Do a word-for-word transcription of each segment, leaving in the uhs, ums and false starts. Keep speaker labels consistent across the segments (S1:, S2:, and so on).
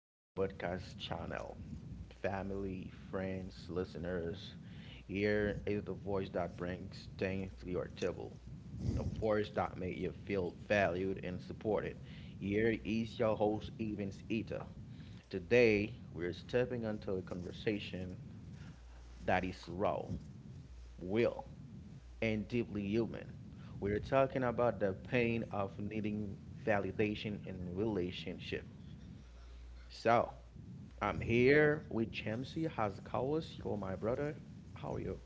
S1: to our podcast channel, family, friends, listeners. Here is the voice that brings things to your table, the voice that makes you feel valued and supported. Here is your host, Evans Eater. Today, we're stepping into a conversation that is raw, real, and deeply human. We're talking about the pain of needing validation in relationship. So, I'm here with Chemsy. How's it goes? Yo, my brother. How are you?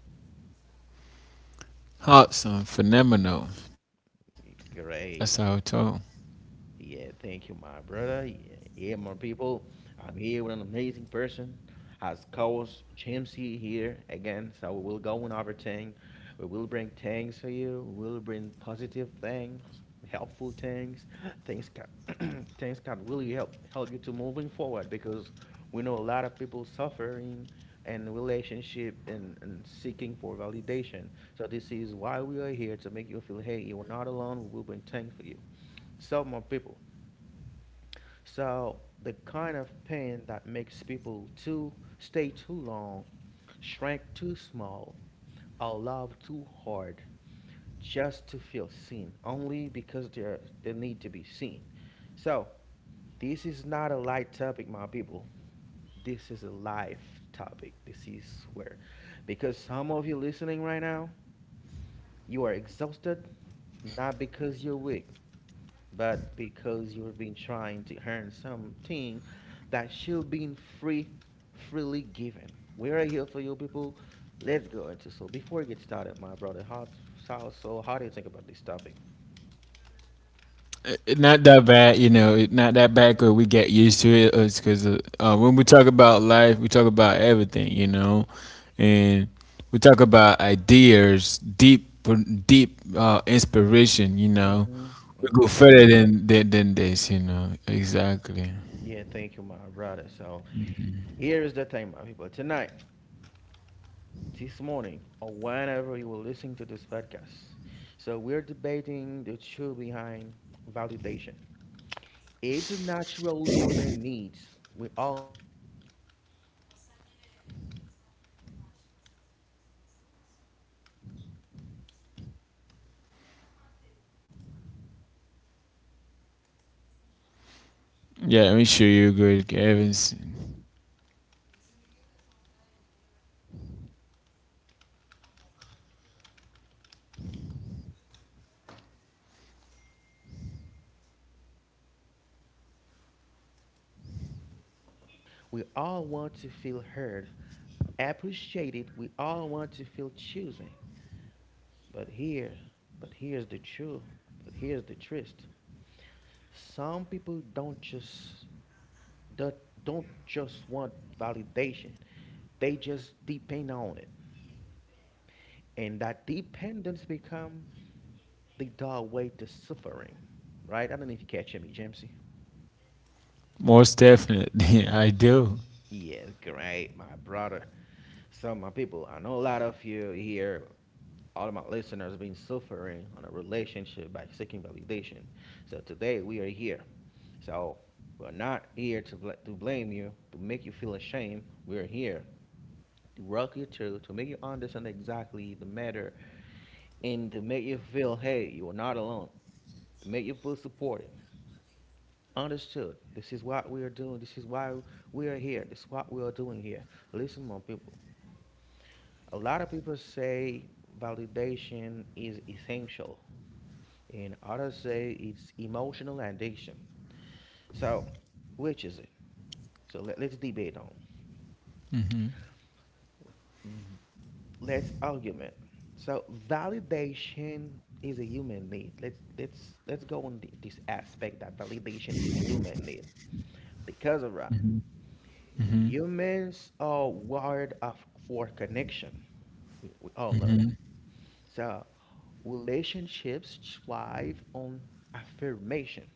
S2: Awesome, phenomenal. That's how it's told.
S1: Great. Yeah, thank you, my brother. Yeah, yeah, my people. I'm here with an amazing person, as coach Jamesy here again. So we will go on over thing. We will bring things to you. We will bring positive things, helpful things. Things can things can really help help you to moving forward because we know a lot of people suffering and relationship and, and seeking for validation. So this is why we are here to make you feel hey, you are not alone. We will bring things for you. So my people. So the kind of pain that makes people to stay too long, shrink too small, or love too hard just to feel seen, only because they're they need to be seen. So this is not a light topic, my people. This is a life topic. This is where because some of you listening right now, you are exhausted, not because you're weak, but because you have been trying to earn something that should be free, freely given. We are here for you, people. Let's go into so. Before we get started, my brother, how so, so how do you think about this topic?
S2: It- Not that bad, you know. It, not that bad, cause we get used to it. It's cause uh, uh, when we talk about life, we talk about everything, you know, and we talk about ideas, deep, deep uh, inspiration, you know.
S1: Mm-hmm.
S2: We go
S1: Mm-hmm.
S2: further than, than than this, you know. Exactly.
S1: Yeah, thank you, my brother. So here is the thing, my people. Tonight, this morning, or whenever you will listen to this podcast. So we're debating the truth behind validation. It's a natural human needs. We all know that. Or are a trap that destroys self-worth. It is one of those. So let's dig into the small people. So now let's try to understand exactly why we're
S2: Yeah, I'm sure
S1: crave
S2: you agree,
S1: validation.
S2: Evans.
S1: Why are people seeking this validation, right? So let's start with the basic things. Validation is human. So we all want to feel seen. We all want to feel heard, appreciated. We all want to feel choosing. But here, but here's the truth. But here's the twist. Some people don't just that don't just want validation. They just depend on it, and that dependence become the doorway to suffering. Right? I don't know if you catch me, Jamesy.
S2: Most definitely, I do.
S1: Yeah, great, my brother. So, my people, I know a lot of you here, all of my listeners, been suffering on a relationship by seeking validation. So today we are here. So we're not here to, bl- to blame you, to make you feel ashamed. We're here to rock you through, to make you understand exactly the matter, and to make you feel, hey, you are not alone, to make you feel supported. Understood. This is what we are doing. This is why we are here. This is what we are doing here. Listen, my people. A lot of people say validation is essential, and others say it's emotional addiction. So, which is it? So let, let's debate on. Let's argument. So validation is a human need. Let's let's let's go on th- this aspect that validation is a human need because of that. Humans are wired up for connection. We, we all know that. So relationships thrive on affirmation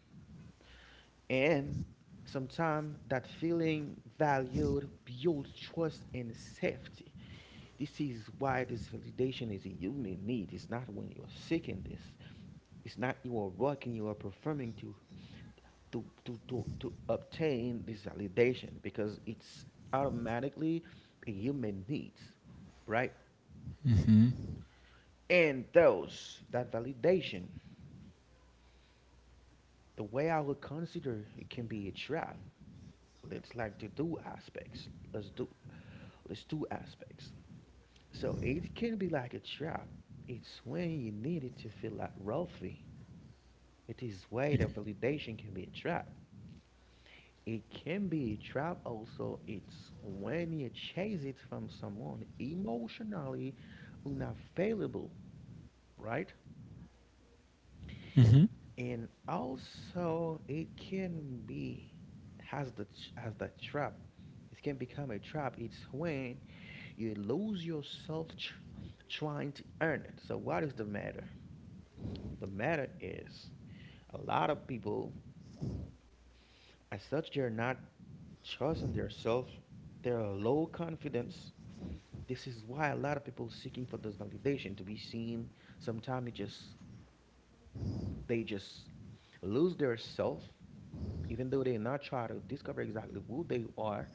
S1: and sometimes that feeling valued builds trust and safety. This is why this validation is a human need. It's not when you're seeking this. It's not you are working, you are performing to to to to, to obtain this validation because it's automatically a human needs, right? And those that validation, the way I would consider it can be a trap. Let's like to do aspects. Let's do let's do aspects. So it can be like a trap. It's when you need it to feel like wealthy. It is way that validation can be a trap. It can be a trap also. It's when you chase it from someone emotionally unavailable, right?
S2: Mm-hmm.
S1: And also it can be has the has that trap. It can become a trap. It's when you lose yourself tr- trying to earn it. So what is the matter? The matter is a lot of people, as such, they're not trusting their self. They're low confidence. This is why a lot of people seeking for this validation to be seen. Sometimes it just they just lose their self, even though they're not trying to discover exactly who they are,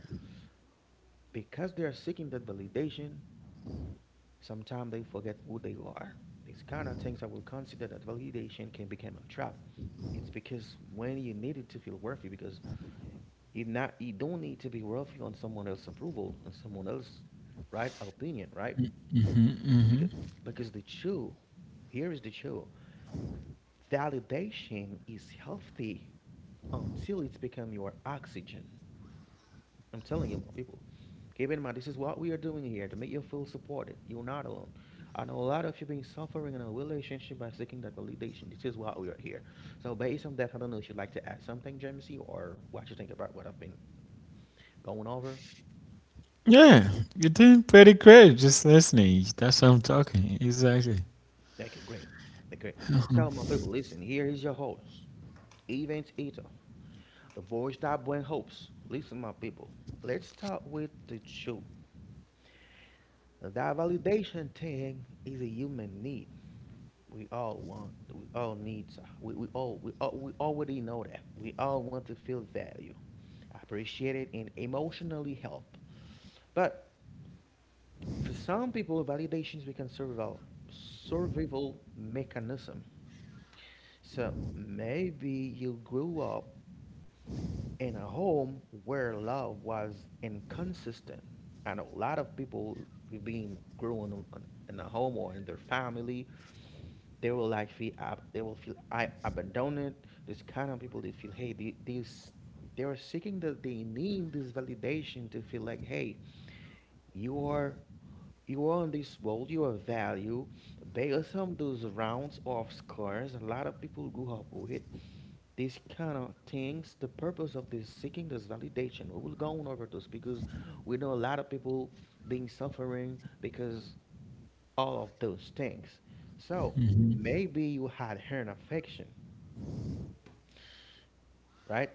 S1: because they are seeking that validation. Sometimes they forget who they are. These kind of things I will consider that validation can become a trap. It's because when you need it to feel worthy, because you not you don't need to be worthy on someone else's approval and someone else's right opinion, right? Because because the truth here is the truth. Validation is healthy until it's become your oxygen. I'm telling you, my people. Keep in mind, this is what we are doing here to make you feel supported. You're not alone. I know a lot of you been suffering in a relationship by seeking that validation. This is why we are here. So based on that, I don't know if you'd like to add something, Jamesy, or what you think about what I've been going over.
S2: Yeah, you're doing pretty great just listening. That's what I'm talking. Exactly.
S1: Okay, great. Okay, so my people, listen. Here is your host, Event Ito, the voice that brings hopes. Listen, my people. Let's start with the truth. That validation thing is a human need. We all want, we all need, so- we, we all, we all, We already know that. We all want to feel value, appreciated, and emotionally help. But for some people, validations become survival, survival mechanism. So maybe you grew up in a home where love was inconsistent. I know a lot of people who've been growing in a home or in their family they will like feel ab- they will feel I abandoned. This kind of people they feel hey the, these they are seeking that they need this validation to feel like hey you are you are in this world you are value based on those rounds of scores a lot of people grew up with these kind of things the purpose of this seeking this validation we will go on over this because we know a lot of people being suffering because all of those things. So maybe you had an affection, right?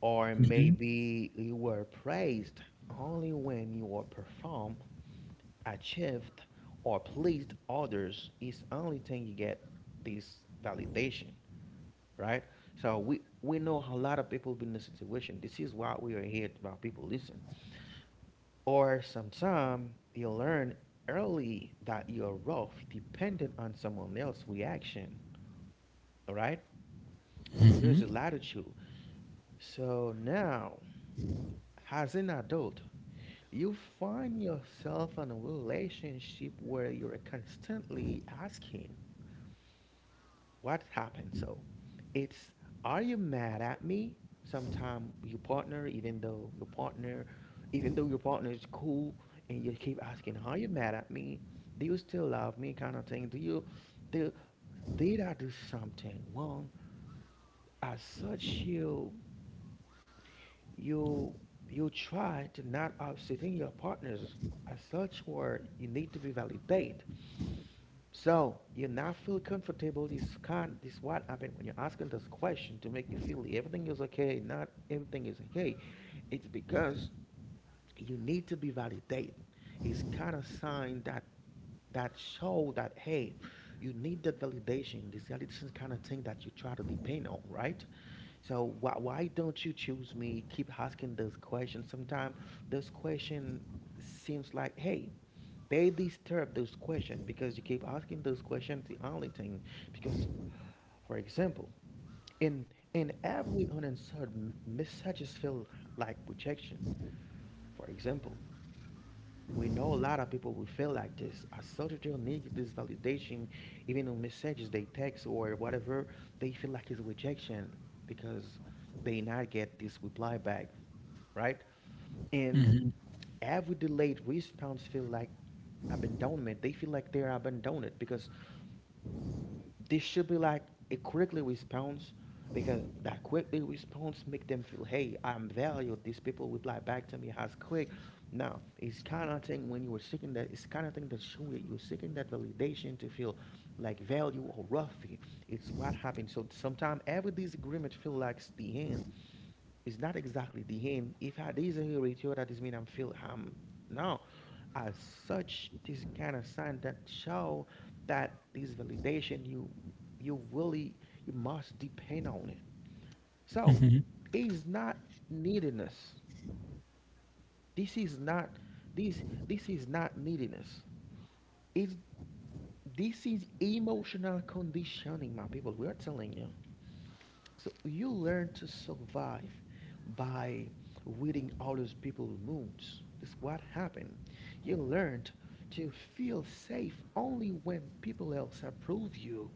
S1: Or maybe you were praised only when you were perform, achieved, or pleased others. It's only thing you get this validation, right? So we we know a lot of people been in the situation. This is why we are here about people listen. Or sometime you learn early that your rough depended on someone else's reaction, all right? There's a latitude. So now, as an adult, you find yourself in a relationship where you're constantly asking, what happened? So it's, are you mad at me? Sometimes your partner, even though your partner, even though your partner is cool, and you keep asking, are you mad at me? Do you still love me? Kind of thing. Do you, do, did I do something wrong? As such, you you you try to not upsetting your partners as such where you need to be validate so you not feel comfortable this kind this what happened when you're asking this question to make you feel everything is okay not everything is okay it's because you need to be validated it's kind of sign that that show that hey you need that validation this validation kind of thing that you try to depend on right so why why don't you choose me? Keep asking those questions. Sometimes those question seems like, hey, they disturb those questions because you keep asking those questions. The only thing, because for example, in in every unanswered m- messages feel like rejection. For example, we know a lot of people will feel like this. A soldier needs this validation, even on messages they text or whatever. They feel like it's rejection because they not get this reply back. Right? And
S2: Mhm,
S1: every delayed response feel like abandonment. They feel like they're abandoned because this should be like a quickly response because that quickly response make them feel, hey, I'm valued. These people reply back to me as quick. Now, it's kind of thing when you were seeking that, it's kind of thing that show you- you're seeking that validation to feel like value or worthy. It's what happens. So sometimes every disagreement feel like it's the end it's not exactly the end. If I disinherit you, that is mean I'm feel I'm no. As such, this kind of sign that show that this validation you you really you must depend on it. So
S2: mhm,
S1: it's not neediness. This is not this this is not neediness. It's this is emotional conditioning, my people. We are telling you. So you learn to survive by reading others people's moods. This is what happened. You learned to feel safe only when people else approve you,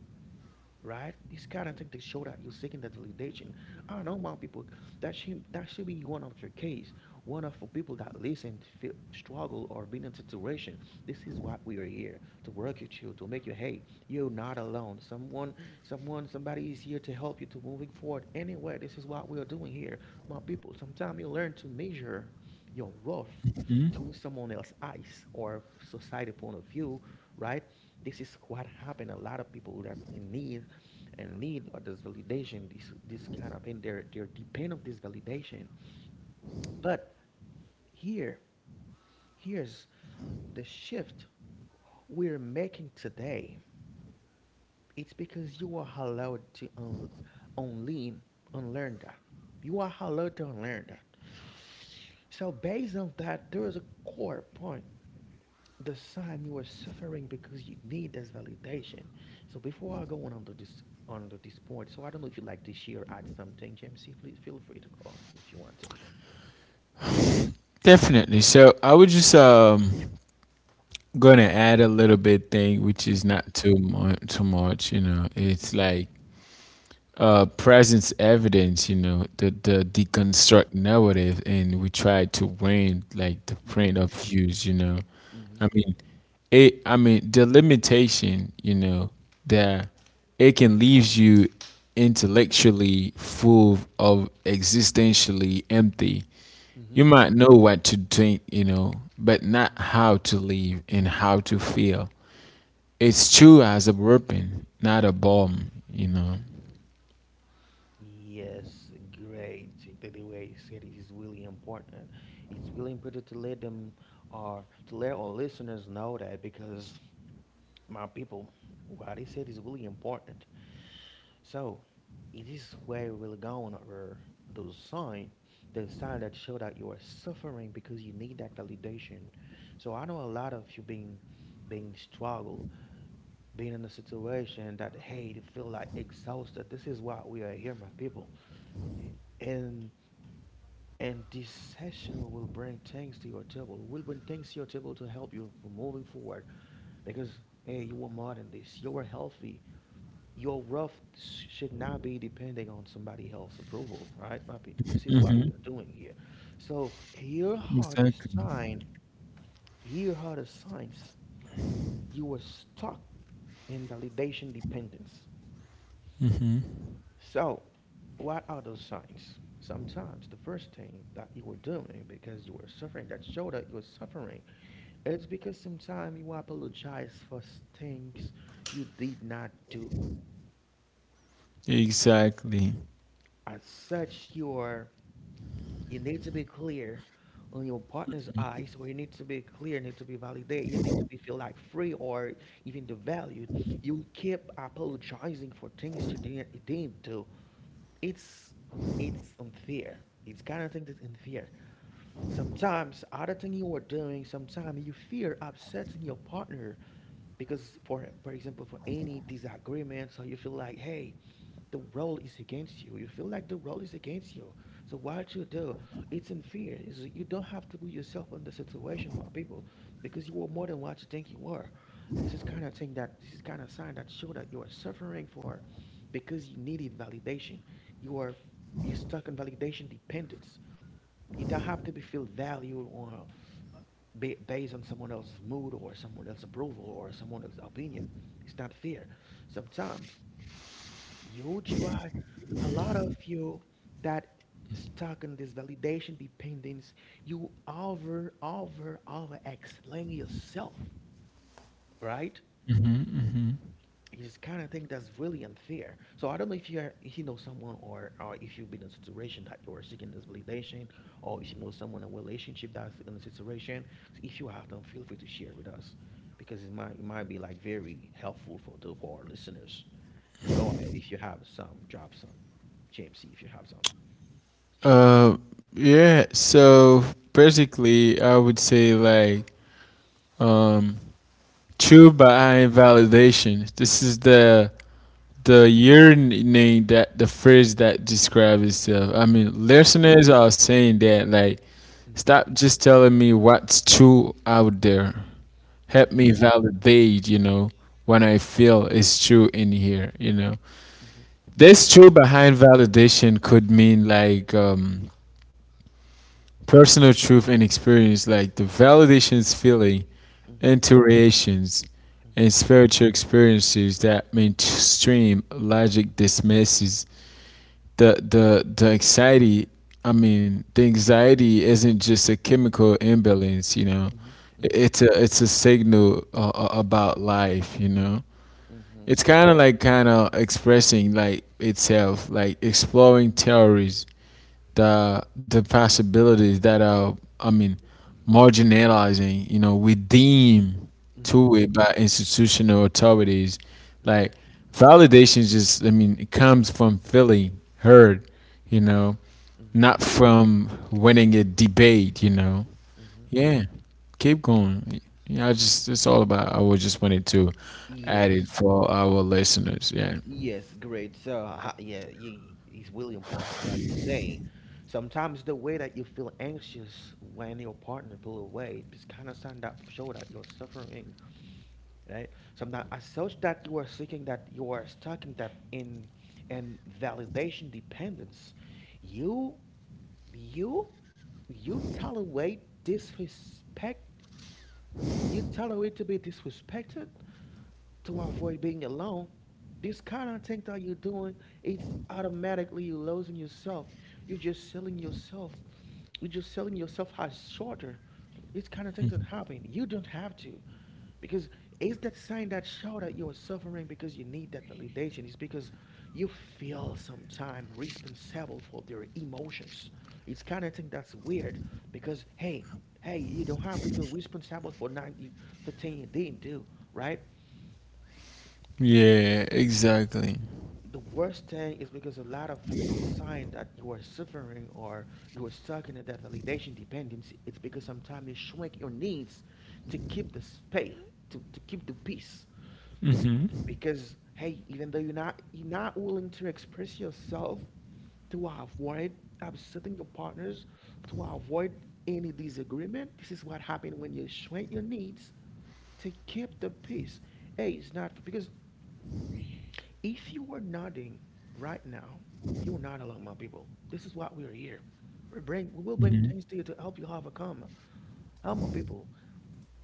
S1: right? It's kind of thing to show that you're seeking that validation. I know my people that should that should be one of your case, one of the people that listen, to feel, struggle, or been in situation. This is why we are here to work with you, to make you hey, you're not alone. Someone, someone, somebody is here to help you to moving forward. Anyway, this is what we are doing here, my people. Sometimes you learn to measure your rough to
S2: mhm.
S1: someone else's eyes or society point of view, right? This is what happened. A lot of people that in need and need of this validation, this this kind of thing, they're they're dependent of this validation. But here, here's the shift we're making today. It's because you are allowed to un- unlearn, unlearn that. You are allowed to unlearn that. So based on that, there is a core point. The sign you are suffering because you need this validation. So before I go on under this under this point, so I don't know if you'd like to share add something, James. C, please feel free to go if you want to.
S2: Definitely. So I was just um gonna add a little bit thing, which is
S1: Mm-hmm.
S2: not too much. Too much, you know. It's
S1: Mm-hmm.
S2: like uh presence evidence, you know, the the deconstruct narrative, and we try to win like the
S1: Mm-hmm.
S2: print of views, you know.
S1: Mm-hmm.
S2: I mean, it i mean the limitation, you know, that it can leave you intellectually full of existentially empty. You
S1: Mm-hmm.
S2: might know what to think, you know, but not how to live and how to feel. It's true as a weapon, not a bomb, you know.
S1: Yes, great. The, the way you said it is really important. It's really important to let them or to let our listeners know that because my people, what they said is really important. So it is where we'll go on over those signs, those signs that show that you are suffering because you need that validation. So I know a lot of you being being struggle, being in a situation that hey, you feel like exhausted. This is why we are here, my people. And and this session we will bring things to your table. We'll bring things to your table to help you for moving forward because hey, you were more than this. You were healthy. Your rough sh- should not be depending on somebody else's approval, right, my people? This is what we are doing here. So here are the
S2: Exactly,
S1: sign. Here are the signs you were stuck in validation dependence. So, what are those signs? Sometimes the first thing that you were doing because you were suffering that showed that you were suffering, it's because sometimes you apologize for things you did not do.
S2: exactly.
S1: As such, you are you need to be clear on your partner's eyes, or you need to be clear, need to be validated, you need to be feel like free or even the valued. You keep apologizing for things you didn't, didn't do. It's it's unfair. It's kind of thing that's unfair. Sometimes other thing you are doing, sometimes you fear upsetting your partner because for for example for any disagreement, so you feel like, hey, the role is against you. You feel like the role is against you. So what you do, it's unfair. It's, you don't have to put yourself in the situation, my people, because you are more than what you think you are. This is kind of thing that this is kind of sign that show that you are suffering for, because you needed validation. You are you're stuck in validation dependence. You don't have to be feel valued or ba- based on someone else's mood or someone else's approval or someone else's opinion. It's not fair. Sometimes you try, a lot of you that stuck in this validation dependence, you over, over, over explain yourself, right? It's kind of thing that's really unfair. So I don't know if you are, if you know someone or or if you've been in a situation that you're seeking this validation, or if you know someone in a relationship that's in a situation. So if you have them, feel free to share with us, because it might it might be like very helpful for the for our listeners. Go ahead if you have some, drop some. J M C if you have some.
S2: uh yeah, so basically I would say like, um true behind validation. This is the the yearning, that the phrase that describes itself. I mean,
S1: Mm-hmm.
S2: listeners are saying that, like, stop just telling me what's true out there. Help
S1: Mm-hmm.
S2: me validate. You know, when I feel it's true in here. You know,
S1: Mm-hmm.
S2: this true behind validation could mean, like, um, personal truth and experience, like the validation's feeling
S1: Mm-hmm.
S2: intuitions, and
S1: Mm-hmm.
S2: spiritual experiences that mainstream logic dismisses. The the the anxiety, I mean, the anxiety isn't just a chemical imbalance, you know. I-
S1: Mm-hmm.
S2: It's a it's a signal, uh, uh, about life, you know.
S1: Mm-hmm. Mm-hmm.
S2: It's kind of like, kind of expressing, like, itself, like exploring theories, the the possibilities that are, I mean, marginalizing, you know, we deem
S1: Mm-hmm.
S2: to it by institutional authorities. Like, validation just, I mean, it comes from feeling heard, you know,
S1: Mm-hmm.
S2: not from winning a debate, you know.
S1: Mm-hmm.
S2: Yeah. Keep going. Yeah, I just, it's all about, I was just wanted to add it
S1: Yes.
S2: for our listeners. Yeah.
S1: Yes, great. So, ha- yeah, y- it's really important what you're saying. Sometimes the way that you feel anxious when your partner pull away, just kind of sign that show that you're suffering, right? Sometimes as such that you are seeking that you are stuck in that in and validation dependence. You you you tolerate disrespect. You tolerate to be disrespected to avoid being alone. This kind of thing that you're doing, it's automatically you're losing yourself. You're just selling yourself. You're just selling yourself as shorter. This kind of thing don't happen. You don't have to. Because it's that sign that show that you are suffering because you need that validation. It's because you feel sometime responsible for their emotions. It's kind of thing that's weird because hey, hey, you don't have to feel responsible for nine you- for thing you didn't do, right?
S2: Yeah, exactly.
S1: The worst thing is because a lot of us the sign that you are suffering or you are stuck in that validation dependency, it's because sometimes you shrink your needs to keep the space to, to keep the peace
S2: Hmm.
S1: because hey, even though you're not you're not willing to express yourself to avoid upsetting your partners to avoid any disagreement, this is what happened when you shrink your needs to keep the peace. Hey, it's not because if you are nodding right now, you're not alone, my people. This is why we are here. We bring, we will bring things to you to help you overcome, how my people,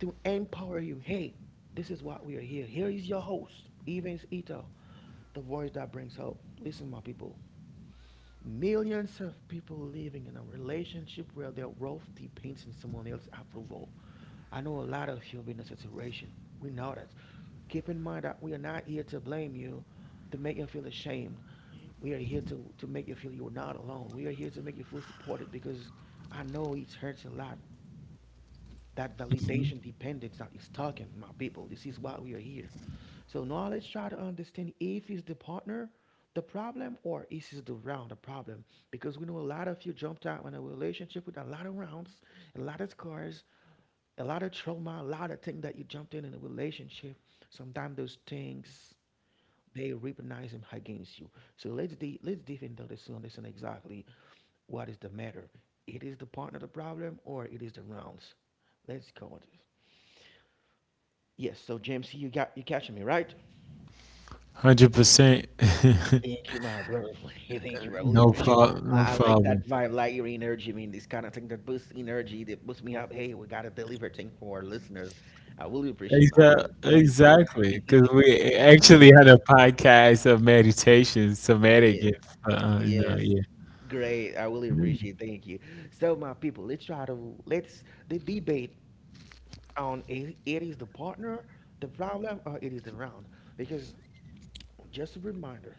S1: to empower you. Hey, this is why we are here. Here is your host, Evans Ito, the voice that brings hope. Listen, my people. Millions of people living in a relationship where their wealth depends on someone else's approval. I know a lot of you have been in a situation. We know that. Keep in mind that we are not here to blame you, to make you feel ashamed. We are here to, to make you feel you're not alone. We are here to make you feel supported because I know it hurts a lot. That validation dependence that is talking, my people. This is why we are here. So now let's try to understand if is the partner the problem or is is the round the problem? Because we know a lot of you jumped out in a relationship with a lot of rounds, a lot of scars, a lot of trauma, a lot of things that you jumped in in a relationship. Sometimes those things they recognize them against you. So let's de- let's deep into this to understand exactly what is the matter. It is the partner the problem or it is the rounds. Let's go on this. Yes, so James, you got you catching me, right?
S2: One Hundred percent.
S1: Thank you, my brother. Thank you. I really
S2: No
S1: appreciate
S2: problem. No
S1: I, I like that
S2: problem.
S1: vibe, like your energy. I mean, this kind of thing that boosts energy, that boosts me up. Hey, we got to deliver thing for our listeners. I really appreciate my
S2: Exa-
S1: brother. Thank you.
S2: exactly. Because we actually
S1: Yeah,
S2: had a podcast of meditation, somatic,
S1: yeah,
S2: and Uh, you know,
S1: yes.
S2: yeah.
S1: Great. I really appreciate. Thank you. So, my people, let's try to let's the debate on i- it is the partner the problem or it is the round because just a reminder.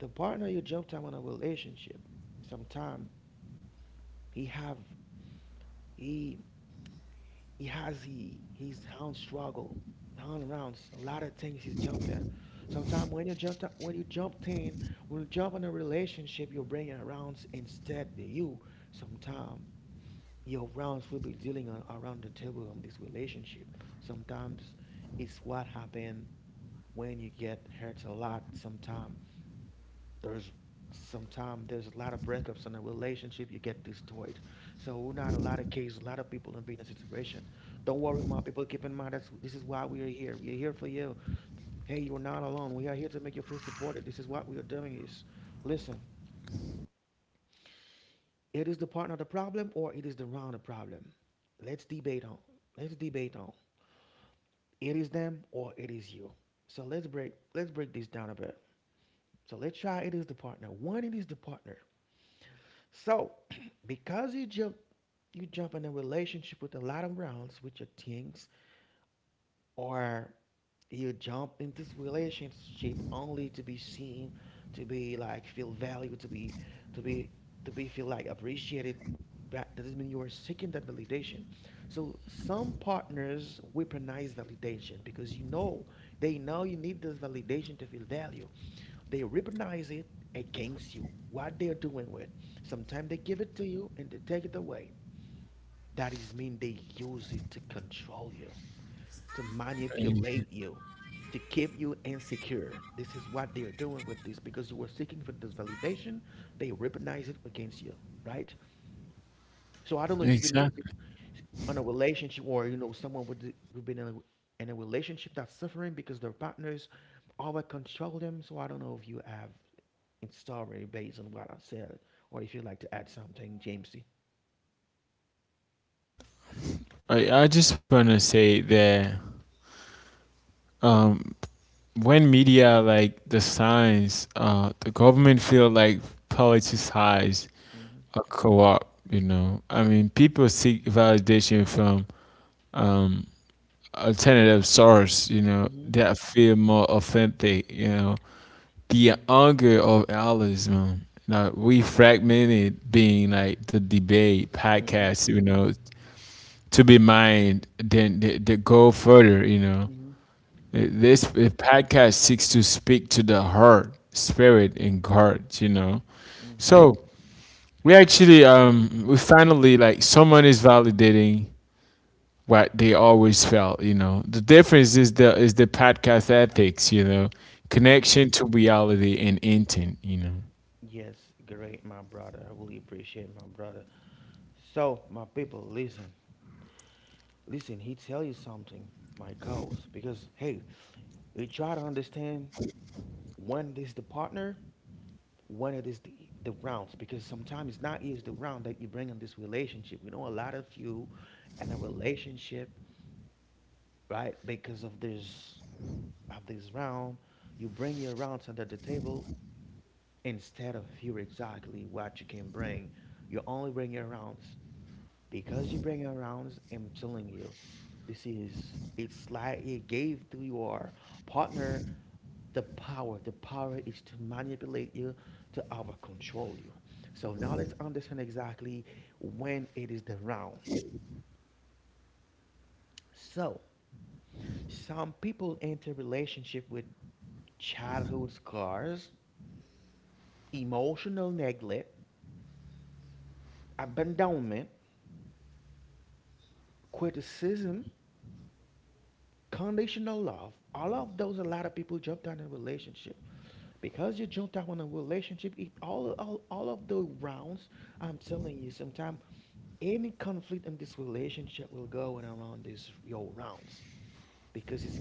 S1: The partner you jumped time on a relationship, sometime he have he he has he his own struggle, own rounds, a lot of things he's jumped at. Sometime when you jump ti- when you jump in, when you jump in a relationship, you bring it around instead the you. Sometimes your rounds will be dealing on, around the table on this relationship. Sometimes it's what happen when you get hurt a lot. Sometimes there's sometimes there's a lot of breakups in a relationship you get destroyed, so not a lot of cases, a lot of people in being in a situation. Don't worry my people, keep in mind that's this is why we are here, we are here for you. Hey, you're not alone, we are here to make you feel supported, this is what we are doing is listen, it is the partner the problem or it is the round the problem. Let's debate on let's debate on it is them or it is you. So let's break let's break this down a bit. So let's try it is the partner one it is the partner. So because you jump you jump in a relationship with a lot of rounds with your things, or you jump into this relationship only to be seen, to be like feel value, to be to be to be feel like appreciated. That that doesn't mean you are seeking that validation. So some partners weaponize validation because you know they know you need this validation to feel value. They weaponize it against you. What they're doing with. Sometimes they give it to you and they take it away. That is mean they use it to control you, to
S2: Mm.
S1: manipulate you, to keep you insecure. This is what they are doing with this because you were seeking for this validation. They weaponize it against you, right? So I don't know if you've been in
S2: Exactly.
S1: a in a relationship or you know someone with the- who've been in a, in a relationship that's suffering because their partners always control them. So I don't know if you have in story based on what I said or if you'd like to add something, Jamesy.
S2: I, I just want to say that, um, when media, like the science, uh, the government feel like politicized,
S1: Mm-hmm.
S2: a co-op. You know, I mean, people seek validation from, um, alternative source, you know,
S1: Mm-hmm.
S2: that feel more authentic, you know. The anger of Alism, like we fragmented being like the debate
S1: Mm-hmm.
S2: podcast, you know, to be mined, then th- th- go further, you know.
S1: Mm-hmm.
S2: This podcast seeks to speak to the heart, spirit, and heart, you know.
S1: Mm-hmm.
S2: So we actually, um, we finally, like, someone is validating what they always felt, you know. The difference is the is the podcast ethics, you know,
S1: Mm-hmm.
S2: connection to reality and intent, you know.
S1: Yes, great, my brother. I really appreciate my brother. So, my people, listen, listen. He tell you something, my coach, because hey, we try to understand when it is the partner, when it is the the rounds, because sometimes it's not always the round that you bring in this relationship. We know a lot of you in a relationship, right? Because of this of this round, you bring your rounds under the table instead of here exactly what you can bring. You only bring your rounds. Because you bring around, I'm telling you, this is, it's like you gave to your partner the power, the power is to manipulate you, to over control you. So now let's understand exactly when it is the round. So some people enter relationship with childhood scars, emotional neglect, abandonment, criticism, conditional love, all of those. A lot of people jump down in a relationship because you jumped out on a relationship it, all, all all of the rounds. I'm telling you, sometime any conflict in this relationship will go in around these your rounds because it's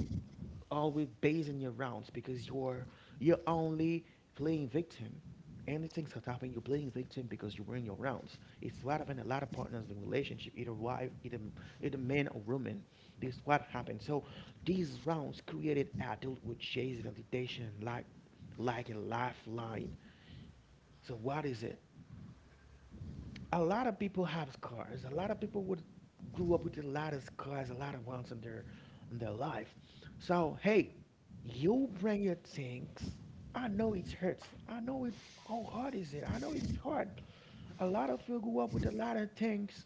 S1: always basing your rounds because you're you're only playing victim. Anything's that happen. You're playing victim because you're in your rounds. It's what happened a lot of partners in relationship, either wife, either either man or woman. This is what happened. So these rounds created adult with chase validation, like like a lifeline. So what is it? A lot of people have cars. A lot of people would grew up with a lot of cars, a lot of ones in their in their life. So hey, you bring your things. I know it hurts. I know it. How hard is it? I know it's hard. A lot of you grew up with a lot of things.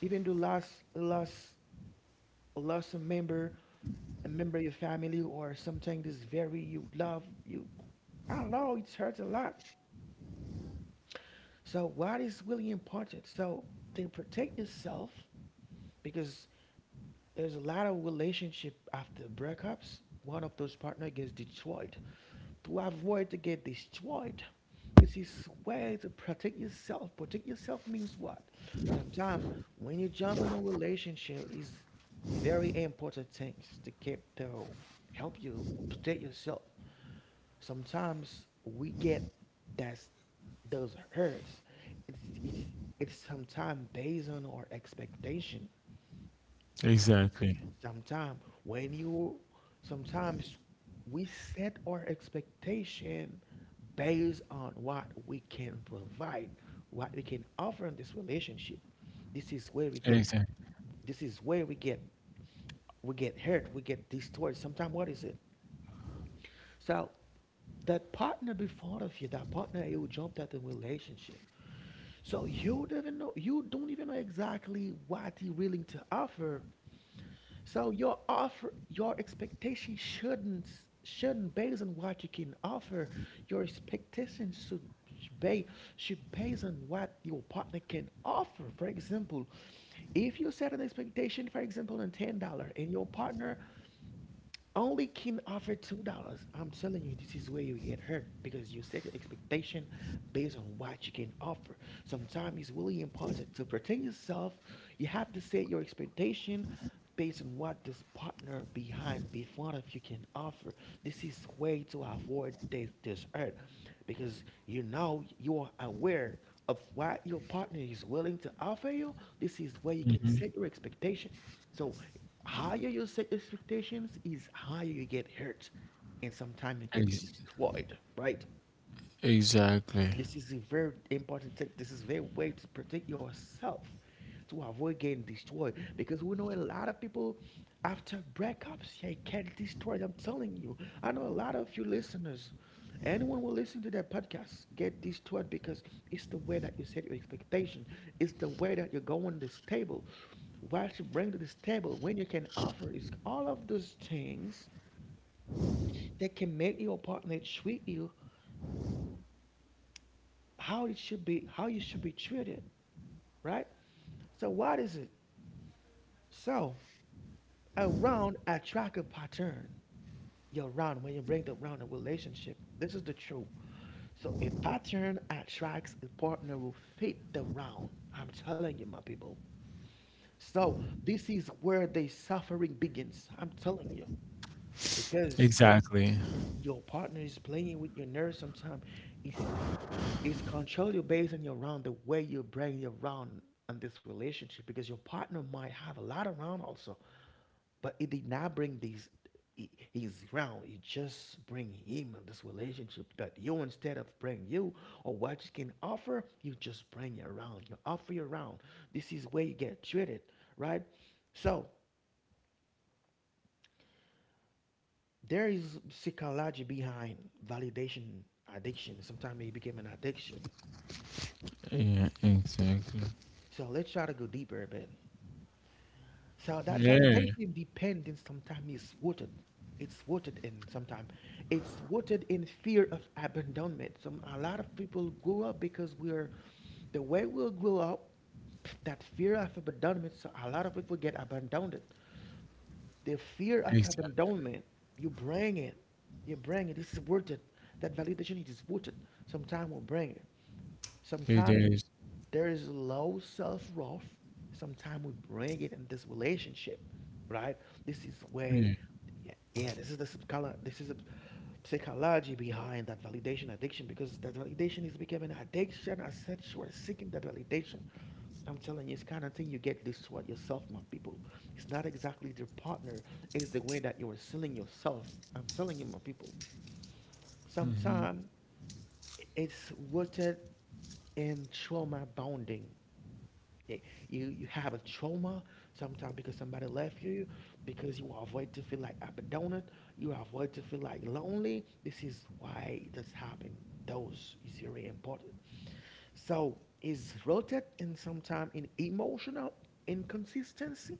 S1: Even though last last lost a member, a member of your family or something that's very you love you. I know it hurts a lot. So what is really important? So to protect yourself because there's a lot of relationship after breakups. One of those partner gets destroyed. To avoid to get destroyed, this is where to protect yourself. Protect yourself means what? Sometimes when you jump in a relationship, is very important things to keep to help you protect yourself. Sometimes we get that's those hurts. It's it's it's sometimes based on our expectation. Some,
S2: Exactly.
S1: Sometimes when you sometimes we set our expectation based on what we can provide, what we can offer in this relationship. This is where we get
S2: Exactly.
S1: this is where we get we get hurt, we get distorted. Sometimes what is it? So that partner before of you, that partner you jumped at the relationship. So you don't even know you don't even know exactly what he willing to offer. So your offer, your expectation shouldn't shouldn't based on what you can offer. Your expectation should be should based on what your partner can offer. For example, if you set an expectation, for example, on ten dollar, and your partner only can offer two dollars. I'm telling you, this is where you get hurt because you set your expectation based on what you can offer. Sometimes it's really important to protect yourself. You have to set your expectation based on what this partner behind, in front of you can offer. This is way to avoid this, this hurt because you know you are aware of what your partner is willing to offer you. This is where you can set your expectation. So higher you set expectations is higher you get hurt and sometimes you get
S2: Ex-
S1: destroyed, right?
S2: exactly.
S1: This is a very important thing. This is very way to protect yourself to avoid getting destroyed. Because we know a lot of people after breakups, they get destroyed. I'm telling you. I know a lot of you listeners, anyone will listen to that podcast, get destroyed because it's the way that you set your expectation. It's the way that you're going to this table. What you bring to this table, when you can offer, it's all of those things that can make your partner treat you how it should be, how you should be treated, right? So what is it? So a round attractive pattern. Your round when you bring the round a relationship. This is the truth. So a pattern attracts a partner who fit the round. I'm telling you, my people. So this is where the suffering begins. I'm telling you. Because
S2: Exactly.
S1: your partner is playing with your nerves sometimes. It's it's control you based on your round, the way you bring your round in this relationship because your partner might have a lot of round also. But it did not bring these he- his ground. He just bring him this relationship that you instead of bring you or what you can offer, you just bring it around. You offer your around. This is where you get treated, right? So there is psychology behind validation addiction. Sometimes it became an addiction.
S2: Yeah. Exactly.
S1: So let's try to go deeper a bit. So that
S2: Yeah.
S1: validation dependence sometimes is rooted. It's rooted in sometimes. It's rooted in fear of abandonment. Some A lot of people grow up because we're the way we grow up, that fear of abandonment. So a lot of people get abandoned. The fear of
S2: Exactly.
S1: abandonment, you bring it. You bring it. It's rooted. That validation it is rooted. Sometimes we bring it.
S2: It
S1: Sometimes
S2: is.
S1: there is low self-worth. Sometimes we bring it in this relationship, right? This is way,
S2: Yeah.
S1: yeah, this is the psycholo- this is a psychology behind that validation addiction because that validation is becoming an addiction. I said you are seeking that validation. I'm telling you, it's kind of thing you get this what yourself, my people. It's not exactly their partner. It's the way that you are selling yourself. I'm telling you, my people. Sometimes it's rooted in trauma bonding. Yeah, you you have a trauma sometimes because somebody left you, because you avoid to feel like abandoned, you avoid to feel like lonely. This is why this happened. Those is very important. So it's rooted in sometimes in emotional inconsistency,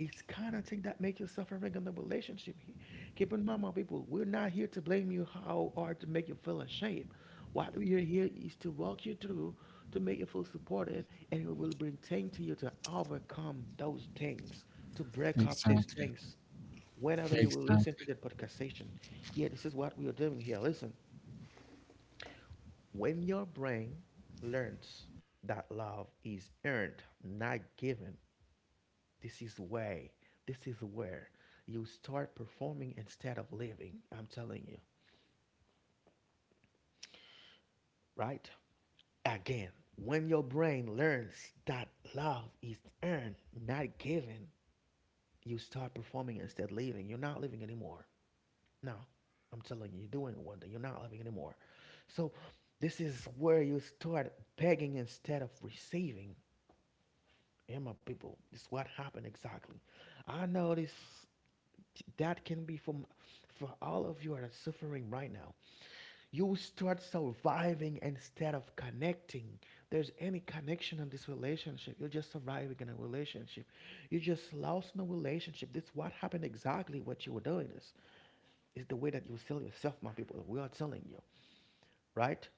S1: it's kind of thing that make you suffering in the relationship. He- Keep in mind, my people, we're not here to blame you how or to make you feel ashamed. What we are here is to walk you through, to make you feel supported, and we will bring things to you to overcome those things, to break up these
S2: Exactly.
S1: things. Whenever you will listen to
S2: Exactly.
S1: that podcast session, yeah, this is what we are doing here. Listen, when your brain learns that love is earned, not given, this is way. This is where you start performing instead of living. I'm telling you, right? Again, when your brain learns that love is earned, not given, you start performing instead of living. You're not living anymore. No, I'm telling you, you're doing one thing. You're not living anymore. So this is where you start begging instead of receiving. Yeah, my people, this is what happened exactly. I know this that can be from for all of you that are suffering right now, you start surviving instead of connecting. There's any connection in this relationship, you're just surviving in a relationship. You just lost in a relationship. That's what happened exactly. What you were doing is is the way that you sell yourself, my people, we are telling you, right?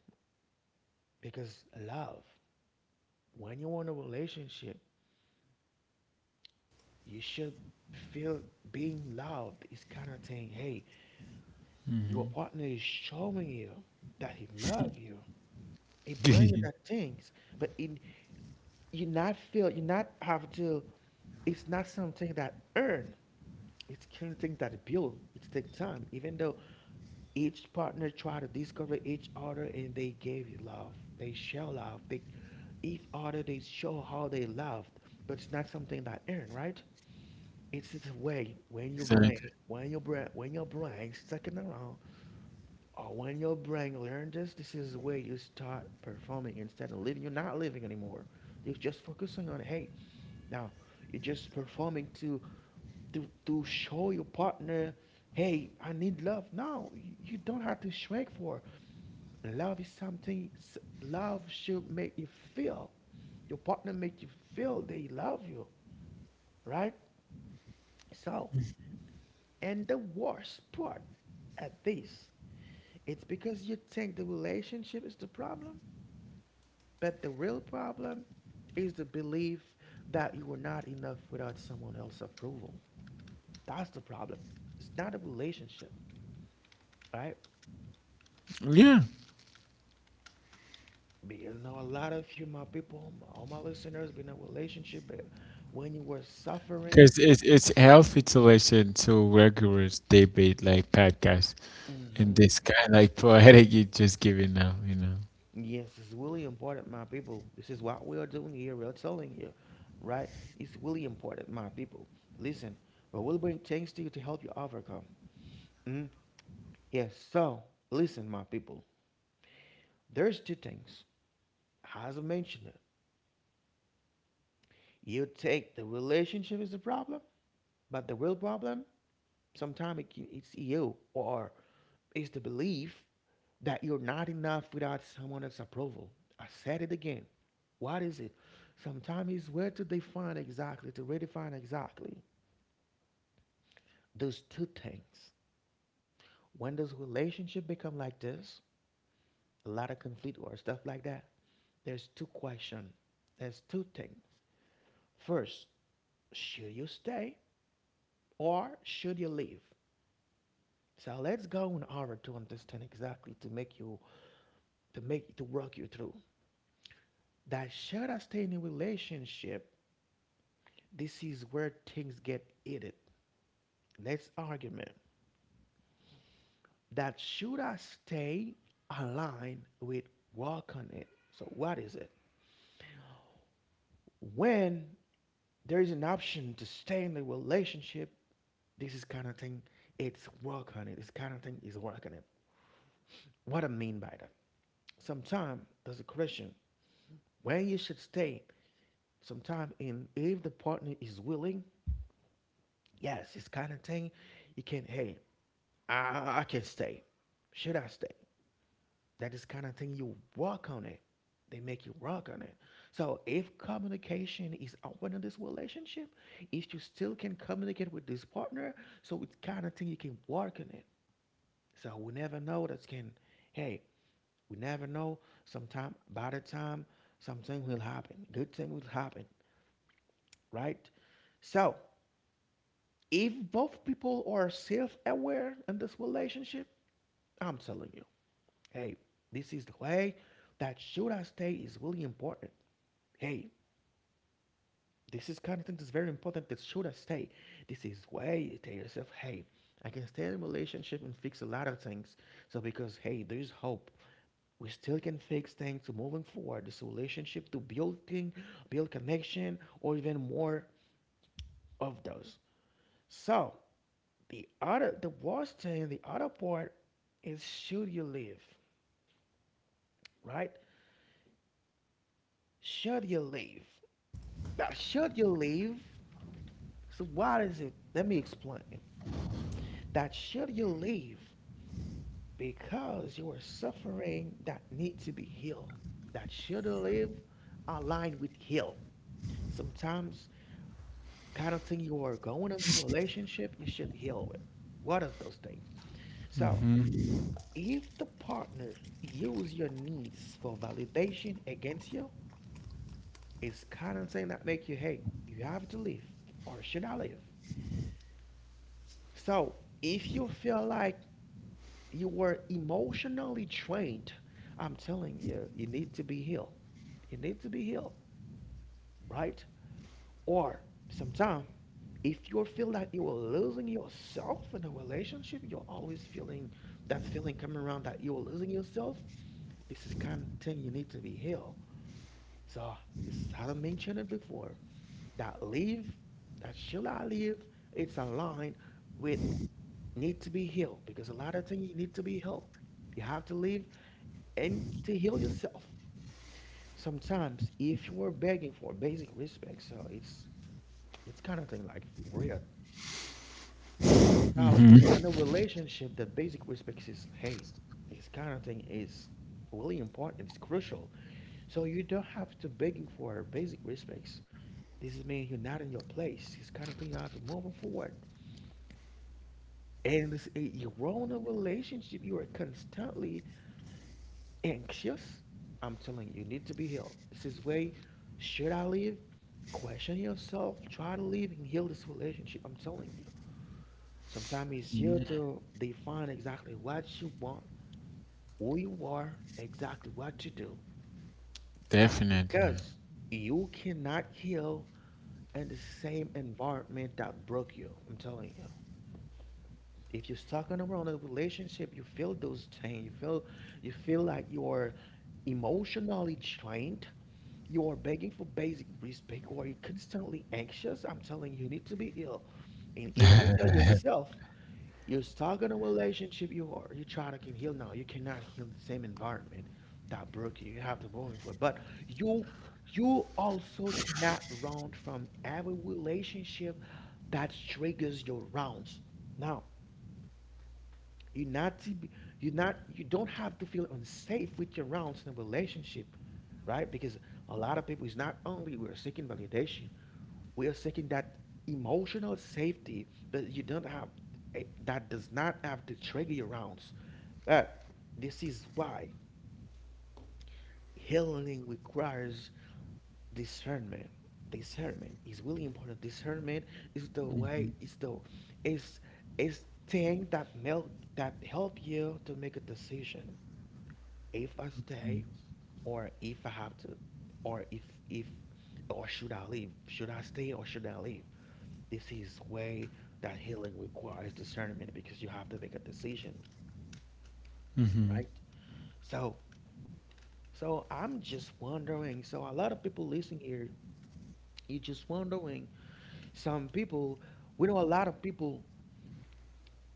S1: Because love when you're in a relationship you should feel being loved is kind of saying hey your partner is showing you that he loves you, it bring you that things, but it you not feel you not have to. It's not something that earn. It's something that build. It take time. Even though each partner try to discover each other and they gave you love, they show love. They each other they show how they loved, but it's not something that earn, right? It's the way when you bring
S2: Exactly.
S1: when you bring when your brain stuck in around. Or when your brain learned this, this is where you start performing instead of living. You're not living anymore. You're just focusing on hey. Now you're just performing to to to show your partner, hey, I need love. No, you don't have to shrink for love. Is something love should make you feel. Your partner make you feel they love you, right? So, and the worst part at this, it's because you think the relationship is the problem. But the real problem is the belief that you are not enough without someone else's approval. That's the problem. It's not a relationship, right?
S2: Yeah.
S1: Because you know a lot of you, my people, my- all my listeners, been in a relationship, but when you were suffering,
S2: Because it's, it's healthy to listen to rigorous debate like podcasts, in
S1: hmm
S2: this kind, like, poetic, you just give it now, you know.
S1: yes, it's really important, my people. This is what we are doing here. We are telling you, right? It's really important, my people. Listen, we'll bring things to you to help you overcome. Mm? Yes. So listen, my people. There's two things. Hazel mentioned it. You take the relationship is the problem, but the real problem sometimes it, can- it's you or it's the belief that you're not enough without someone else's approval. I said it again. What is it? Sometimes it's where to define exactly, to redefine exactly those two things. When does relationship become like this? A lot of conflict or stuff like that. There's two questions. There's two things. First, should you stay, or should you leave? So let's go in order to understand exactly to make you to make to work you through. That should I stay in a relationship? This is where things get heated. Let's argument. That should I stay aligned with work on it. So what is it? When there is an option to stay in the relationship, this is kind of thing. It's work on it. This kind of thing is work on it. What I mean by that? Sometimes there's a question when you should stay sometime, and if the partner is willing, yes, it's kind of thing. You can, hey, i, I can stay, should I stay, that is kind of thing you work on it. They make you work on it. So if communication is open in this relationship, if you still can communicate with this partner, so it's kind of thing you can work on it. So we never know that's can, hey, we never know. Sometime by the time, something will happen, good thing will happen, right? So if both people are self-aware in this relationship, I'm telling you, hey, this is the way that should I stay is really important. Hey, this is kind of thing that's very important, that should I stay. This is way you tell yourself, hey, I can stay in a relationship and fix a lot of things. So because hey, there's hope. We still can fix things to moving forward. This relationship to building, build connection, or even more of those. So the other, the worst thing, the other part is should you leave, right? Should you leave? Now, should you leave? So, what is it? Let me explain. That should you leave because you are suffering that need to be healed. That should you leave aligned with heal. Sometimes, kind of thing you are going into a relationship, you should heal it. What are those things? So, if the partner use your needs for validation against you, it's kind of thing that make you, hey, you have to live, or should I live? So if you feel like you were emotionally drained, I'm telling you, you need to be healed. You need to be healed, right? Or sometimes, if you feel that you are losing yourself in a relationship, you're always feeling that feeling coming around that you're losing yourself. This is kind of thing you need to be healed. So, as I mentioned it before, that live, that should I live, it's aligned with need to be healed because a lot of things you need to be healed. You have to live and to heal yourself. Sometimes if you were begging for basic respect, so it's it's kind of thing like weird. So in a relationship that basic respect is, hey, this kind of thing is really important, it's crucial. So you don't have to begging for basic respects. This is mean you're not in your place. It's kind of thing you have to move on forward. And it's, it- you're all in a relationship. You are constantly anxious. I'm telling you, you need to be healed. This is way, should I leave? Question yourself. Try to leave and heal this relationship. I'm telling you. Sometimes it's here to define exactly what you want, who you are, exactly what to do.
S2: Definitely.
S1: Because you cannot heal in the same environment that broke you. I'm telling you. If you're stuck on around a relationship, you feel those things. You feel you feel like you are emotionally drained. You are begging for basic respect, or you're constantly anxious. I'm telling you, you need to be ill. And if you tell yourself you're stuck in a relationship, you are you try to can heal now. You cannot heal the same environment that broke you. You have to move forward. But you you also cannot run from every relationship that triggers your rounds. Now, you're not to be, you're not you don't have to feel unsafe with your rounds in a relationship, right? Because a lot of people is not only we're seeking validation, we are seeking that emotional safety, but you don't have eh, that does not have to trigger your rounds. But this is why healing requires discernment. Discernment is really important. Discernment is the way is the is is thing that mel that help you to make a decision. If I stay, or if I have to, or if if or should I leave? Should I stay or should I leave? This is way that healing requires discernment because you have to make a decision, right? So so I'm just wondering, so a lot of people listening here, you just wondering. Some people, we know a lot of people,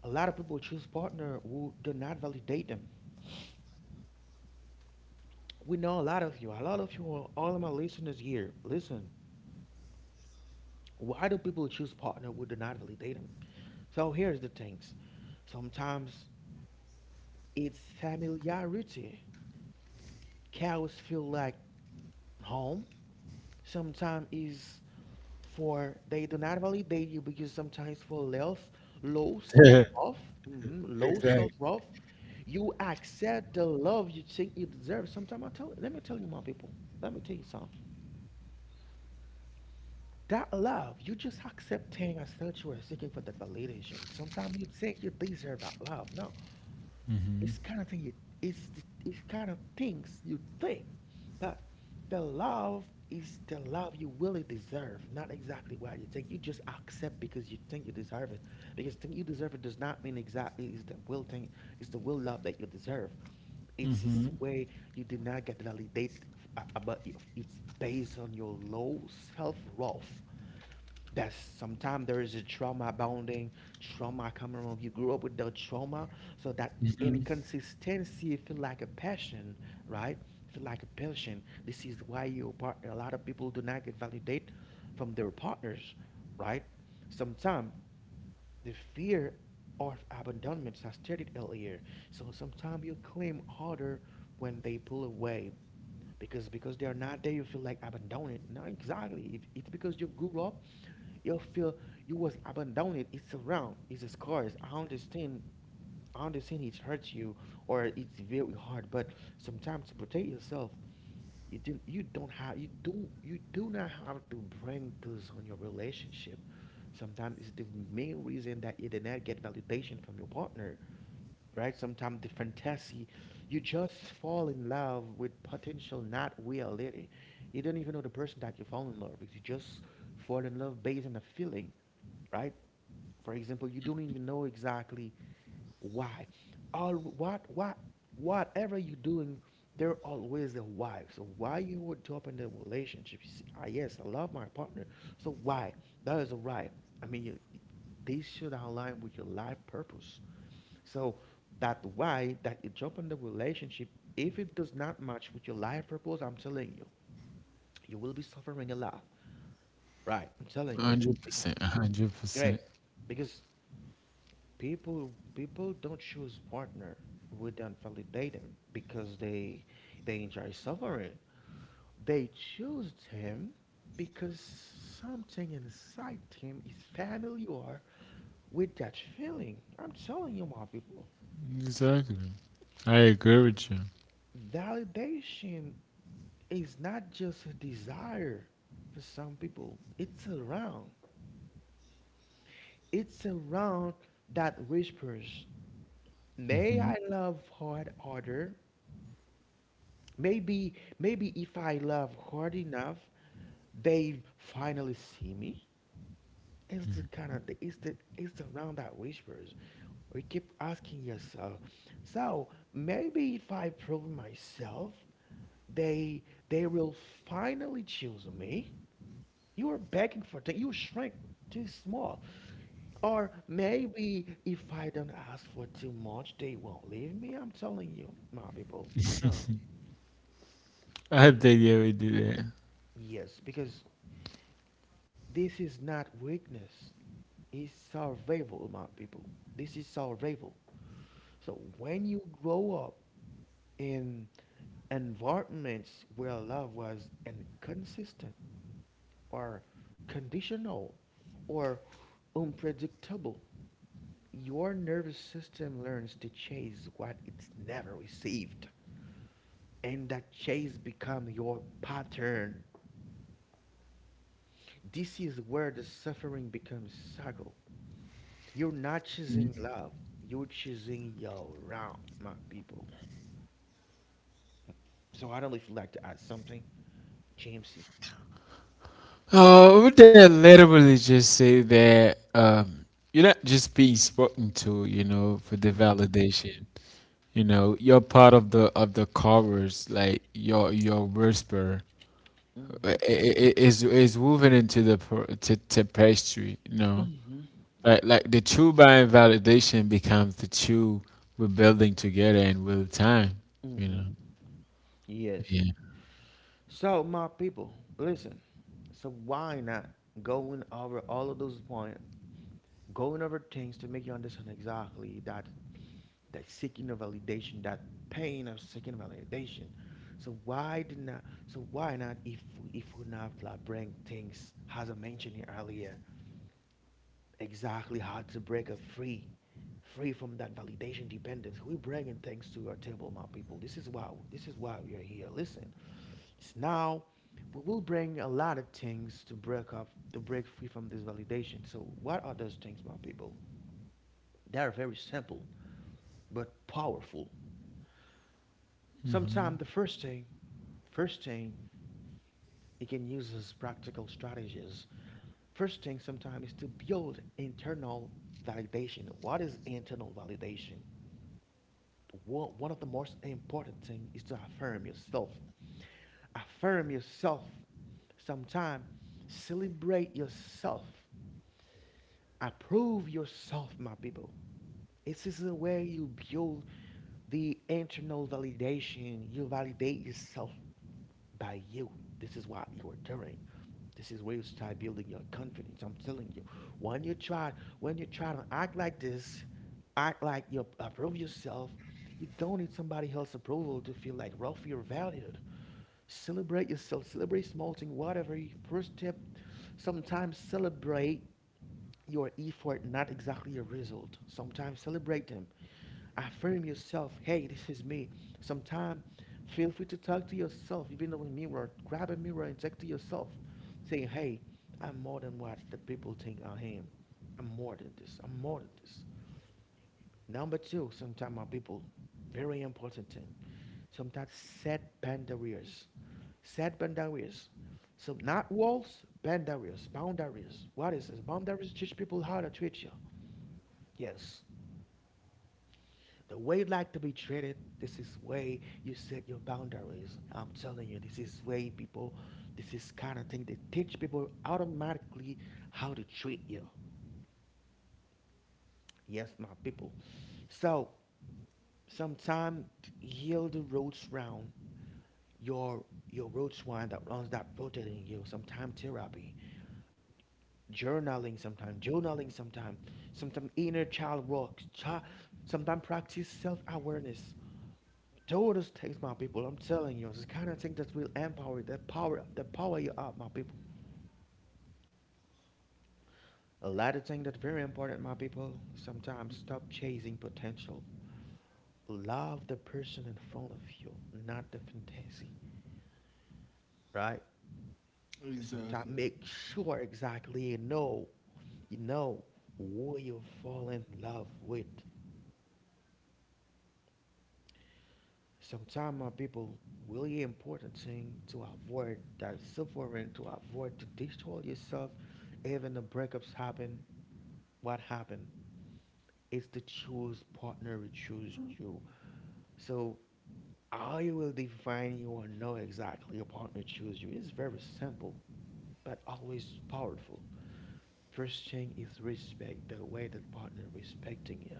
S1: a lot of people choose partner who do not validate them. We know a lot of you. A lot of you are all of my listeners here. Listen, why do people choose partner who do deniably date them? So here's the things. Sometimes it's familiarity. Cows feel like home. Sometimes it's for they do not validate you because sometimes for less low self love, mhm, low self
S2: Exactly.
S1: love, you accept the love you think you deserve. Sometimes I tell let me tell you my people. Let me tell you something. That love, you just accepting as such you are seeking for that validation. Sometimes you think you deserve that love. No, it's kind of thing you, it's the- it's kind of things you think, but the love is the love you really deserve, not exactly what you think. You just accept because you think you deserve it. Because think you deserve it does not mean exactly it's the will thing, it's the will love that you deserve. It's this
S2: Mm-hmm.
S1: way you did not get validate, f- uh, uh, but if it's based on your low self worth, that's sometimes there is a trauma bounding, trauma coming around. You grew up with the trauma, so that inconsistency feel like a passion, right? Feel like a passion. This is why your partner. A lot of people do not get validate from their partners, right? Sometimes the fear of abandonment, I stated earlier. So sometimes you claim harder when they pull away because because they are not there, you feel like abandoned. No, exactly. It, it's because you grew up, you feel you was abandoned, it's around, it's scars. I understand, I understand it hurts you, or it's very hard, but sometimes to protect yourself, you didn't you don't have you do you do not have to bring this on your relationship. Sometimes it's the main reason that you did not get validation from your partner, right? Sometimes the fantasy, you just fall in love with potential, not reality. You don't even know the person that you fall in love with. You just fall in love based on a feeling, right? For example, you don't even know exactly why. All what what whatever you're doing, there always a why. So why you would jump in the relationship? You see, ah, yes, I love my partner. So why? That is a right. I mean, you, they should align with your life purpose. So that why that you jump in the relationship, if it does not match with your life purpose, I'm telling you, you will be suffering a lot. Right, I'm telling you. Because
S2: one hundred percent.
S1: great.
S2: one hundred percent.
S1: Because people people don't choose partner who don't validate them because they they enjoy suffering. They choose him because something inside him is familiar with that feeling. I'm telling you, my people,
S2: Exactly. I agree with you.
S1: validation is not just a desire for some people. It's around. It's around that whispers, "May I love hard harder? Maybe, maybe if I love hard enough, they finally see me. It's the kind of the, it's the it's around that whispers. We keep asking yourself. So maybe if I prove myself, they they will finally choose me. You are begging for that. You shrink too small. Or maybe if I don't ask for too much, they won't leave me. I'm telling you, my people. No.
S2: I think, yeah, we do that.
S1: Yes, because this is not weakness. Is survival, my people. This is survival. So when you grow up in environments where love was inconsistent or conditional or unpredictable, your nervous system learns to chase what it's never received. And that chase becomes your pattern. This is where the suffering becomes cycle. You're not choosing love, you're choosing your round, my people. So I'd only like to add something, Jamesy.
S2: Oh, would that literally just say that, um, you're not just being spoken to, you know, for the
S1: Hmm.
S2: validation. You know, you're part of the of the chorus, like your your whisper
S1: Mm-hmm.
S2: i- i- is is woven into the pr- to, to pastry, you know.
S1: Mm-hmm.
S2: Like like the true buying validation becomes the true we're building together and with time, you
S1: Mm-hmm.
S2: know.
S1: Yes.
S2: Yeah.
S1: So my people, listen. So why not going over all of those points, going over things to make you understand exactly that that seeking of validation, that pain of seeking validation. So why did not? So why not? If we, if we not like bring things as I mentioned earlier, exactly how to break a free free from that validation dependence. We're bringing things to your table, my people. This is why, this is why you're here. Listen, it's now we will bring a lot of things to break up to break free from this validation. So what are those things, my people? They are very simple but powerful. Sometimes the first thing, first thing you can use as practical strategies, first thing, sometimes is to build internal validation. What is internal validation? One of the most important thing is to affirm yourself. Affirm yourself. Sometimes celebrate yourself. Approve yourself, my people. It is a way you build the internal validation. You validate yourself by you. This is what you are doing. This is where you start building your confidence. I'm telling you, when you try, when you try to act like this, act like you approve yourself, you don't need somebody else's approval to feel like Ralph, you're valued. Celebrate yourself. Celebrate small thing, whatever. you- First step. Sometimes celebrate your effort, not exactly your result. Sometimes celebrate them. Affirm yourself. Hey, this is me. Sometime, feel free to talk to yourself, even though in a mirror. Grab a mirror and talk to yourself, saying, "Hey, I'm more than what the people think I am. I'm more than this. I'm more than this." Number two, sometimes our people, very important thing. Sometimes set boundaries. Set boundaries. So not walls, boundaries. Boundaries. What is this? Boundaries teach people how to treat you. Yes. The way you like to be treated, this is way you set your boundaries. I'm telling you, this is way people, this is kind of thing, they teach people automatically how to treat you. Yes, my people. So sometimes heal the roots round your your roots wine that runs that rotating you. Sometimes therapy, journaling. Sometimes journaling Sometimes sometimes inner child work child, sometimes practice self-awareness. Todos takes my people. I'm telling you, it's the kind of thing that will empower, that power, that power you up, my people. A lot of things that very important, my people. Sometimes stop chasing potential. Love the person in front of you, not the fantasy, right? Sometimes make sure exactly you know, you know who you fall in love with. Sometimes, my people, really important thing to avoid that suffering, to avoid to destroy yourself even the breakups happen. What happened is to choose partner will choose you. So how you will define you or know exactly your partner choose you is very simple but always powerful. First thing is respect, the way that partner respecting you,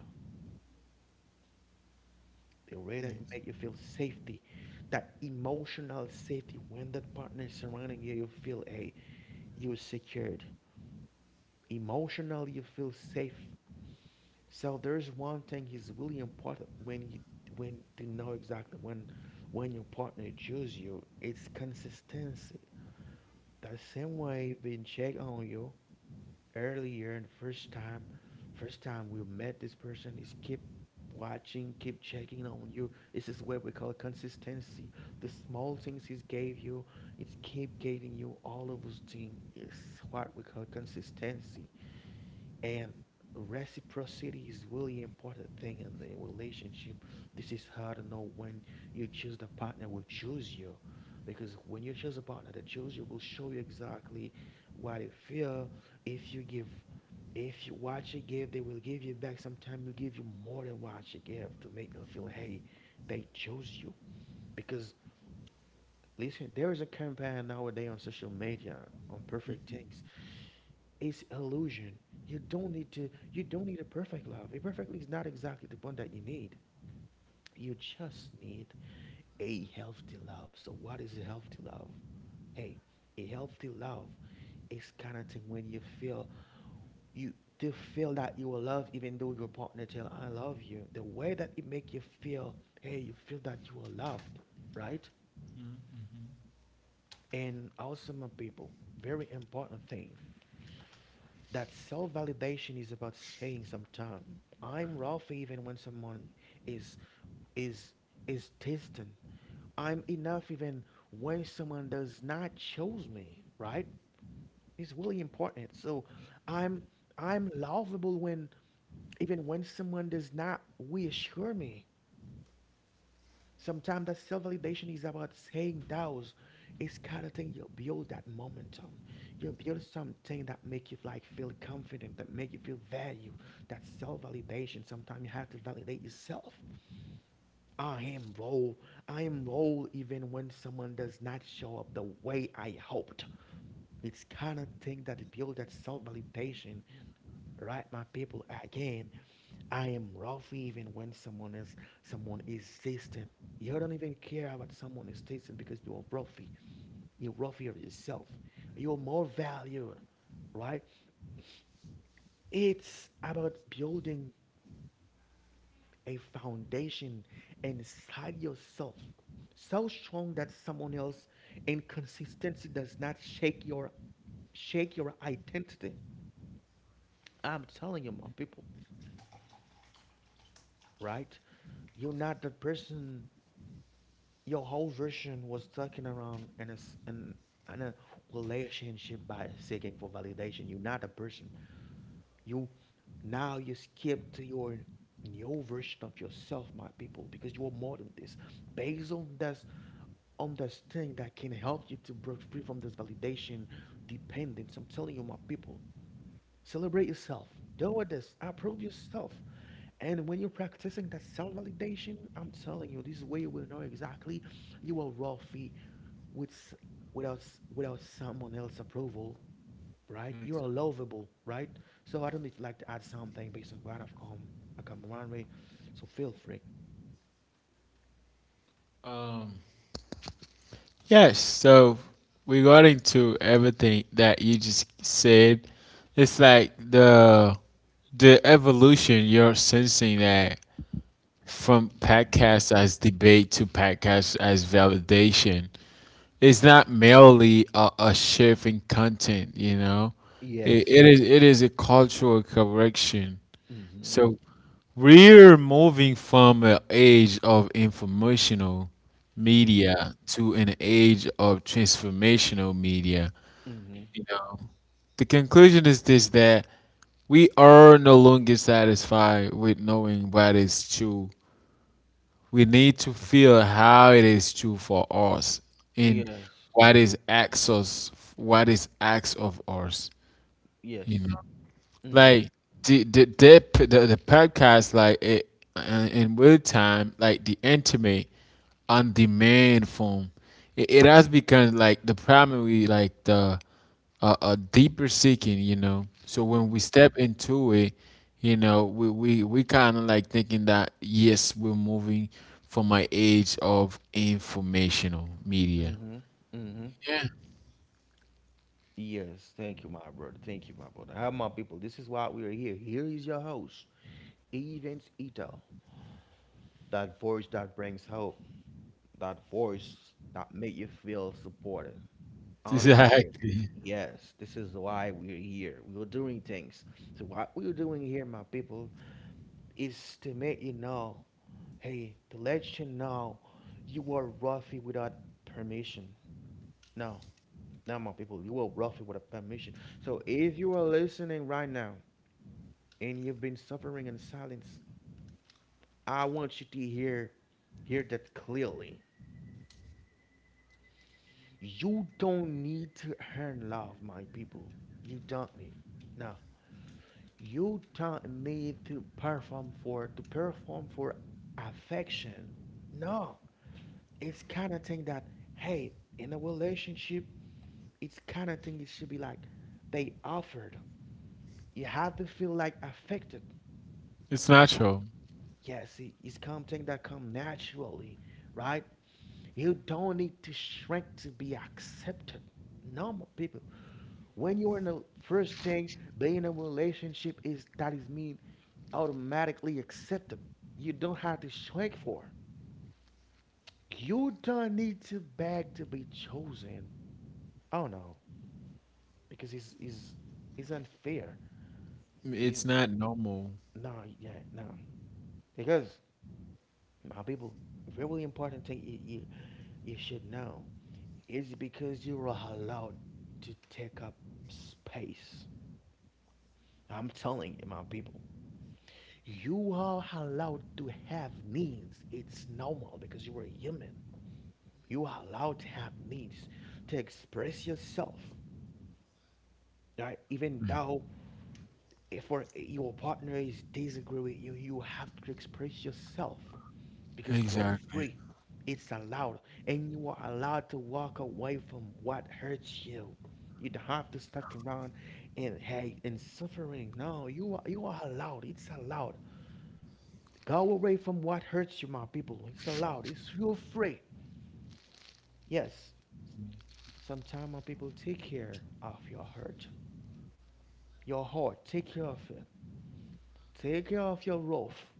S1: the way that it make you feel safety, that emotional safety. When that partner surrounding you, you feel a you're secured. Emotionally you feel safe. So there's one thing is really important when you when to know exactly when when your partner choose you, it's consistency. The same way being checked on you earlier and first time, first time we met this person, is keep watching, keep checking on you. This is what we call consistency. The small things he's gave you, it's keep giving you all of those things. It's what we call consistency. And reciprocity is really important thing in the relationship. This is how to know when you choose the partner will choose you. Because when you choose a partner that choose you will show you exactly what it feel. If you give if you what you give, they will give you back. Sometimes will give you more than what you give to make them feel hey, they chose you. Because listen, there is a campaign nowadays on social media on perfect things is illusion. You don't need to you don't need a perfect love. A perfect love is not exactly the one that you need. You just need a healthy love. So what is a healthy love? Hey, a healthy love is kind of thing when you feel you to feel that you are loved even though your partner tell I love you. The way that it make you feel, hey, you feel that you are loved, right? And also my people, very important thing. That self validation is about saying sometimes I'm Ralph even when someone is is is distant. I'm enough even when someone does not choose me, right? It's really important. So I'm I'm lovable when even when someone does not reassure me. Sometimes that self validation is about saying those. It's kind of thing you build that momentum. You build something that make you like feel confident, that make you feel value. That self validation. Sometimes you have to validate yourself. I am whole. I am whole even when someone does not show up the way I hoped. It's kind of thing that build that self validation, right, my people? Again, I am rough even when someone is someone is distant. You don't even care about someone is distant because you're roughy. You're roughy of yourself. You're more valued, right? It's about building a foundation inside yourself so strong that someone else inconsistency does not shake your shake your identity. I'm telling you, my people, right? You're not the person your whole version was talking around in a, s- in, in a relationship by seeking for validation. You're not a person. You now you skip to your new version of yourself, my people, because you are more than this. Based on this on this thing that can help you to break free from this validation dependence. I'm telling you, my people, celebrate yourself. Deal with this. Approve yourself. And when you're practicing that self validation, I'm telling you, this way you will know exactly you are worthy with s- without s- without someone else's approval, right? You are lovable, right? So I don't need like to add something based on what I've come I come around with. So feel free.
S2: um yes, so regarding to everything that you just said, it's like the the evolution you're sensing, that from podcast as debate to podcast as validation, it's not merely a, a shift in content, you know. It,
S1: Yes.
S2: it is it is a cultural correction.
S1: Mm-hmm.
S2: So we're moving from an age of informational
S1: Mm-hmm.
S2: media to an age of transformational media.
S1: Mm-hmm.
S2: You know, the conclusion is this, that we are no longer satisfied with knowing what is true. We need to feel how it is true for us, in
S1: Yes.
S2: what is acts us what is acts of us, you
S1: Yes.
S2: know.
S1: Mm-hmm.
S2: Like, the the their, p- the, the podcast, like it, uh, in real time, like the intimate on demand form, it, it has become, like, the primary, like the uh, a deeper seeking, you know. So when we
S1: Mm-hmm.
S2: step into it, you know, we we, we kind of, like, thinking that, yes, we're moving from an age of informational media.
S1: Mm-hmm. Mm-hmm.
S2: Yeah.
S1: Yes. Thank you, my brother. Thank you, my brother. How my people? This is why we are here. Here is your host. Agent Ito, that voice that brings hope, that voice that makes you feel supported, understood.
S2: Exactly.
S1: Yes, this is why we're here. We're doing things. So what we're doing here, my people, is to make you know, hey, to let you know, you are roughy without permission. No, no, my people, you are roughy without permission. So if you are listening right now and you've been suffering in silence, I want you to hear hear that clearly. You don't need to earn love, my people. You don't need. Now, you don't need to perform for to perform for affection. No, it's kind of thing that hey, in a relationship, it's kind of thing it should be like they offered. You have to feel like affected.
S2: It's
S1: And I-
S2: natural.
S1: yeah, see, it's something that come naturally, right? You don't need to shrink to be accepted. No. Normal people. When you are in the first thing, being in a relationship is that is mean automatically accepted. You don't have to shrink for. You don't need to beg to be chosen. Oh no, because it's is it's unfair.
S2: It's
S1: Because
S2: not normal.
S1: no, yeah, no. Because my people, very important thing you you, you should know is because you are allowed to take up space. I'm telling you, my people. You are allowed to have needs. It's normal because you are human. You are allowed to have needs to express yourself. Right? Even though if your partner is disagree with you, you have to express yourself because you are
S2: Exactly.
S1: free. It's allowed, and you are allowed to walk away from what hurts you. You don't have to stuck around and hate and suffering. No, you are you are allowed. It's allowed. Go away from what hurts you, my people. It's allowed. It's your free. Yes. Sometimes, my people, take care of your hurt, your heart. Take care of it. Take care of your wrath.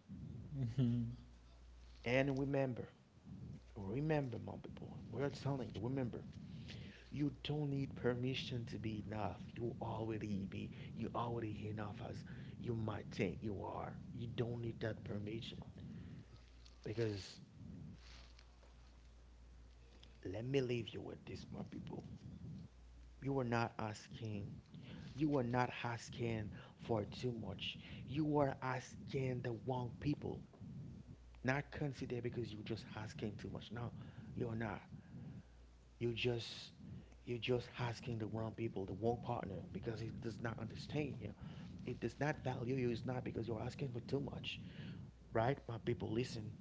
S1: And remember, remember, my people. We're telling you, remember, you don't need permission to be enough. You already be. You already enough as you might think you are. You don't need that permission because let me leave you with this, my people. You are not asking You are not asking for too much. You are asking the wrong people. Not consider because you're just asking too much. No, you're not. You just you're just asking the wrong people, the wrong partner, because it does not understand you. It does not value you. It's not because you're asking for too much, right? My people, listen.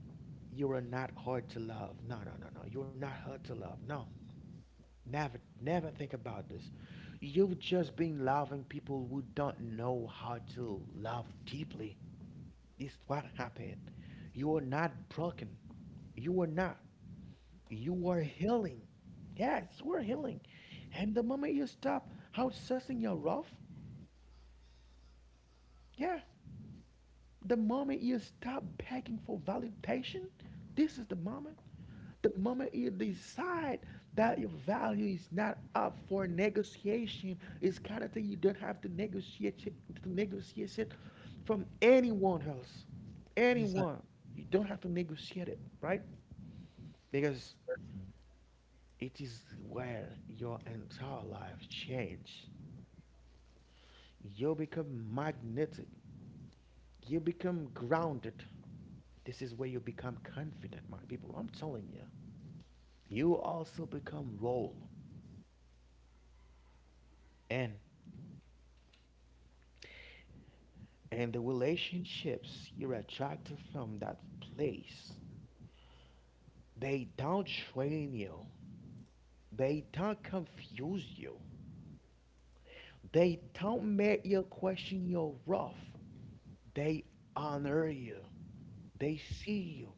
S1: You are not hard to love. No, no, no, no. You're not hard to love. No. Never, never think about this. You've just been loving people who don't know how to love deeply. This is what happened. You are not broken. You are not. You are healing. Yes, you are healing. And the moment you stop outsourcing your love, yeah, the moment you stop begging for validation, this is the moment. The moment you decide that your value is not up for negotiation, it's kind of thing you don't have to negotiate it- to negotiate it from anyone else.
S2: Exactly.
S1: Anyone. You don't have to negotiate it, right? Because it is where your entire life change. You become magnetic. You become grounded. This is where you become confident, my people. I'm telling you. You also become role. And and the relationships you're attracted from that place, they don't train you, they don't confuse you, they don't make you question your rough, they honor you, they see you,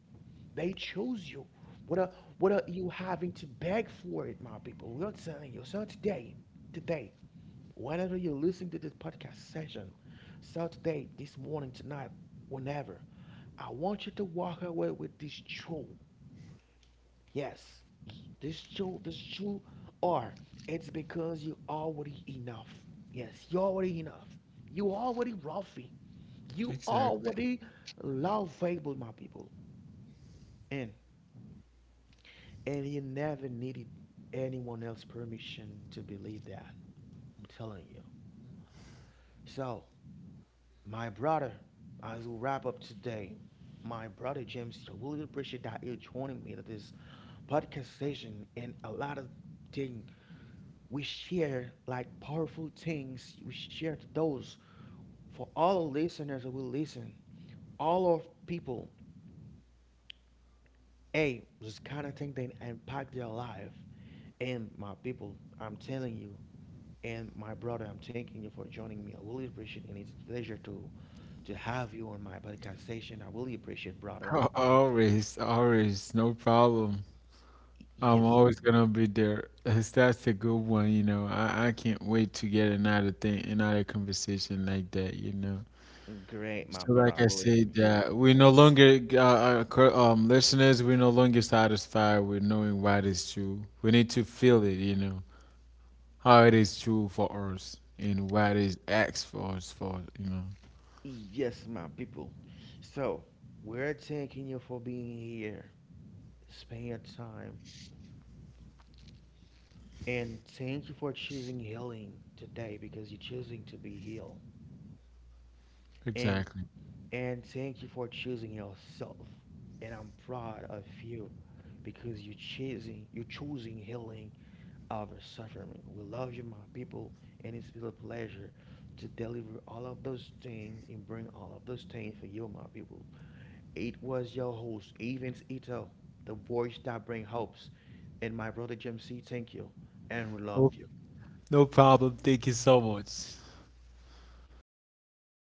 S1: they choose you. What are what are you having to beg for it, my people? We're telling you. So today, today, whenever you're listening to this podcast session, so today, this morning, tonight, whenever, I want you to walk away with this truth. Yes, this truth, this truth, or it's because you're already enough. Yes, you're already enough. You already wealthy. You
S2: Exactly.
S1: already lovable, my people. And and you never needed anyone else's permission to believe that. I'm telling you. So my brother, as we wrap up today, my brother James, I really appreciate that you joining me at this podcast session and a lot of things we share, like powerful things we shared those for all our listeners who will listen, all of people. Hey, this kind of thing that impact their life. And my people, I'm telling you, and my brother, I'm thanking you for joining me. I really appreciate, and it's a pleasure to to have you on my podcast session. I really appreciate, brother.
S2: Al- Always, always, no problem. I'm
S1: Yes,
S2: always gonna be there. That's that's a good one, you know. I, I can't wait to get another thing, another conversation like that, you know.
S1: great, my
S2: So,
S1: brother. I
S2: like I
S1: really
S2: said,
S1: appreciate
S2: uh, we no longer, uh, uh, cur- um, listeners, we're no longer satisfied with knowing what is true. We need to feel it, you know, how it is true for us and what is X for us for, you know.
S1: it. Yes, my people. So, we're thanking you for being here, spending your time, and thank you for choosing healing today because you're choosing to be healed. And
S2: Exactly.
S1: and thank you for choosing yourself. And I'm proud of you because you're choosing you're choosing healing of our suffering. We love you, my people, and it's been a pleasure to deliver all of those things and bring all of those things for you, my people. It was your host, Evans Ito, the voice that brings hopes, and my brother Jim C. Thank you, and we love
S2: Oh,
S1: you.
S2: no problem. Thank you so much.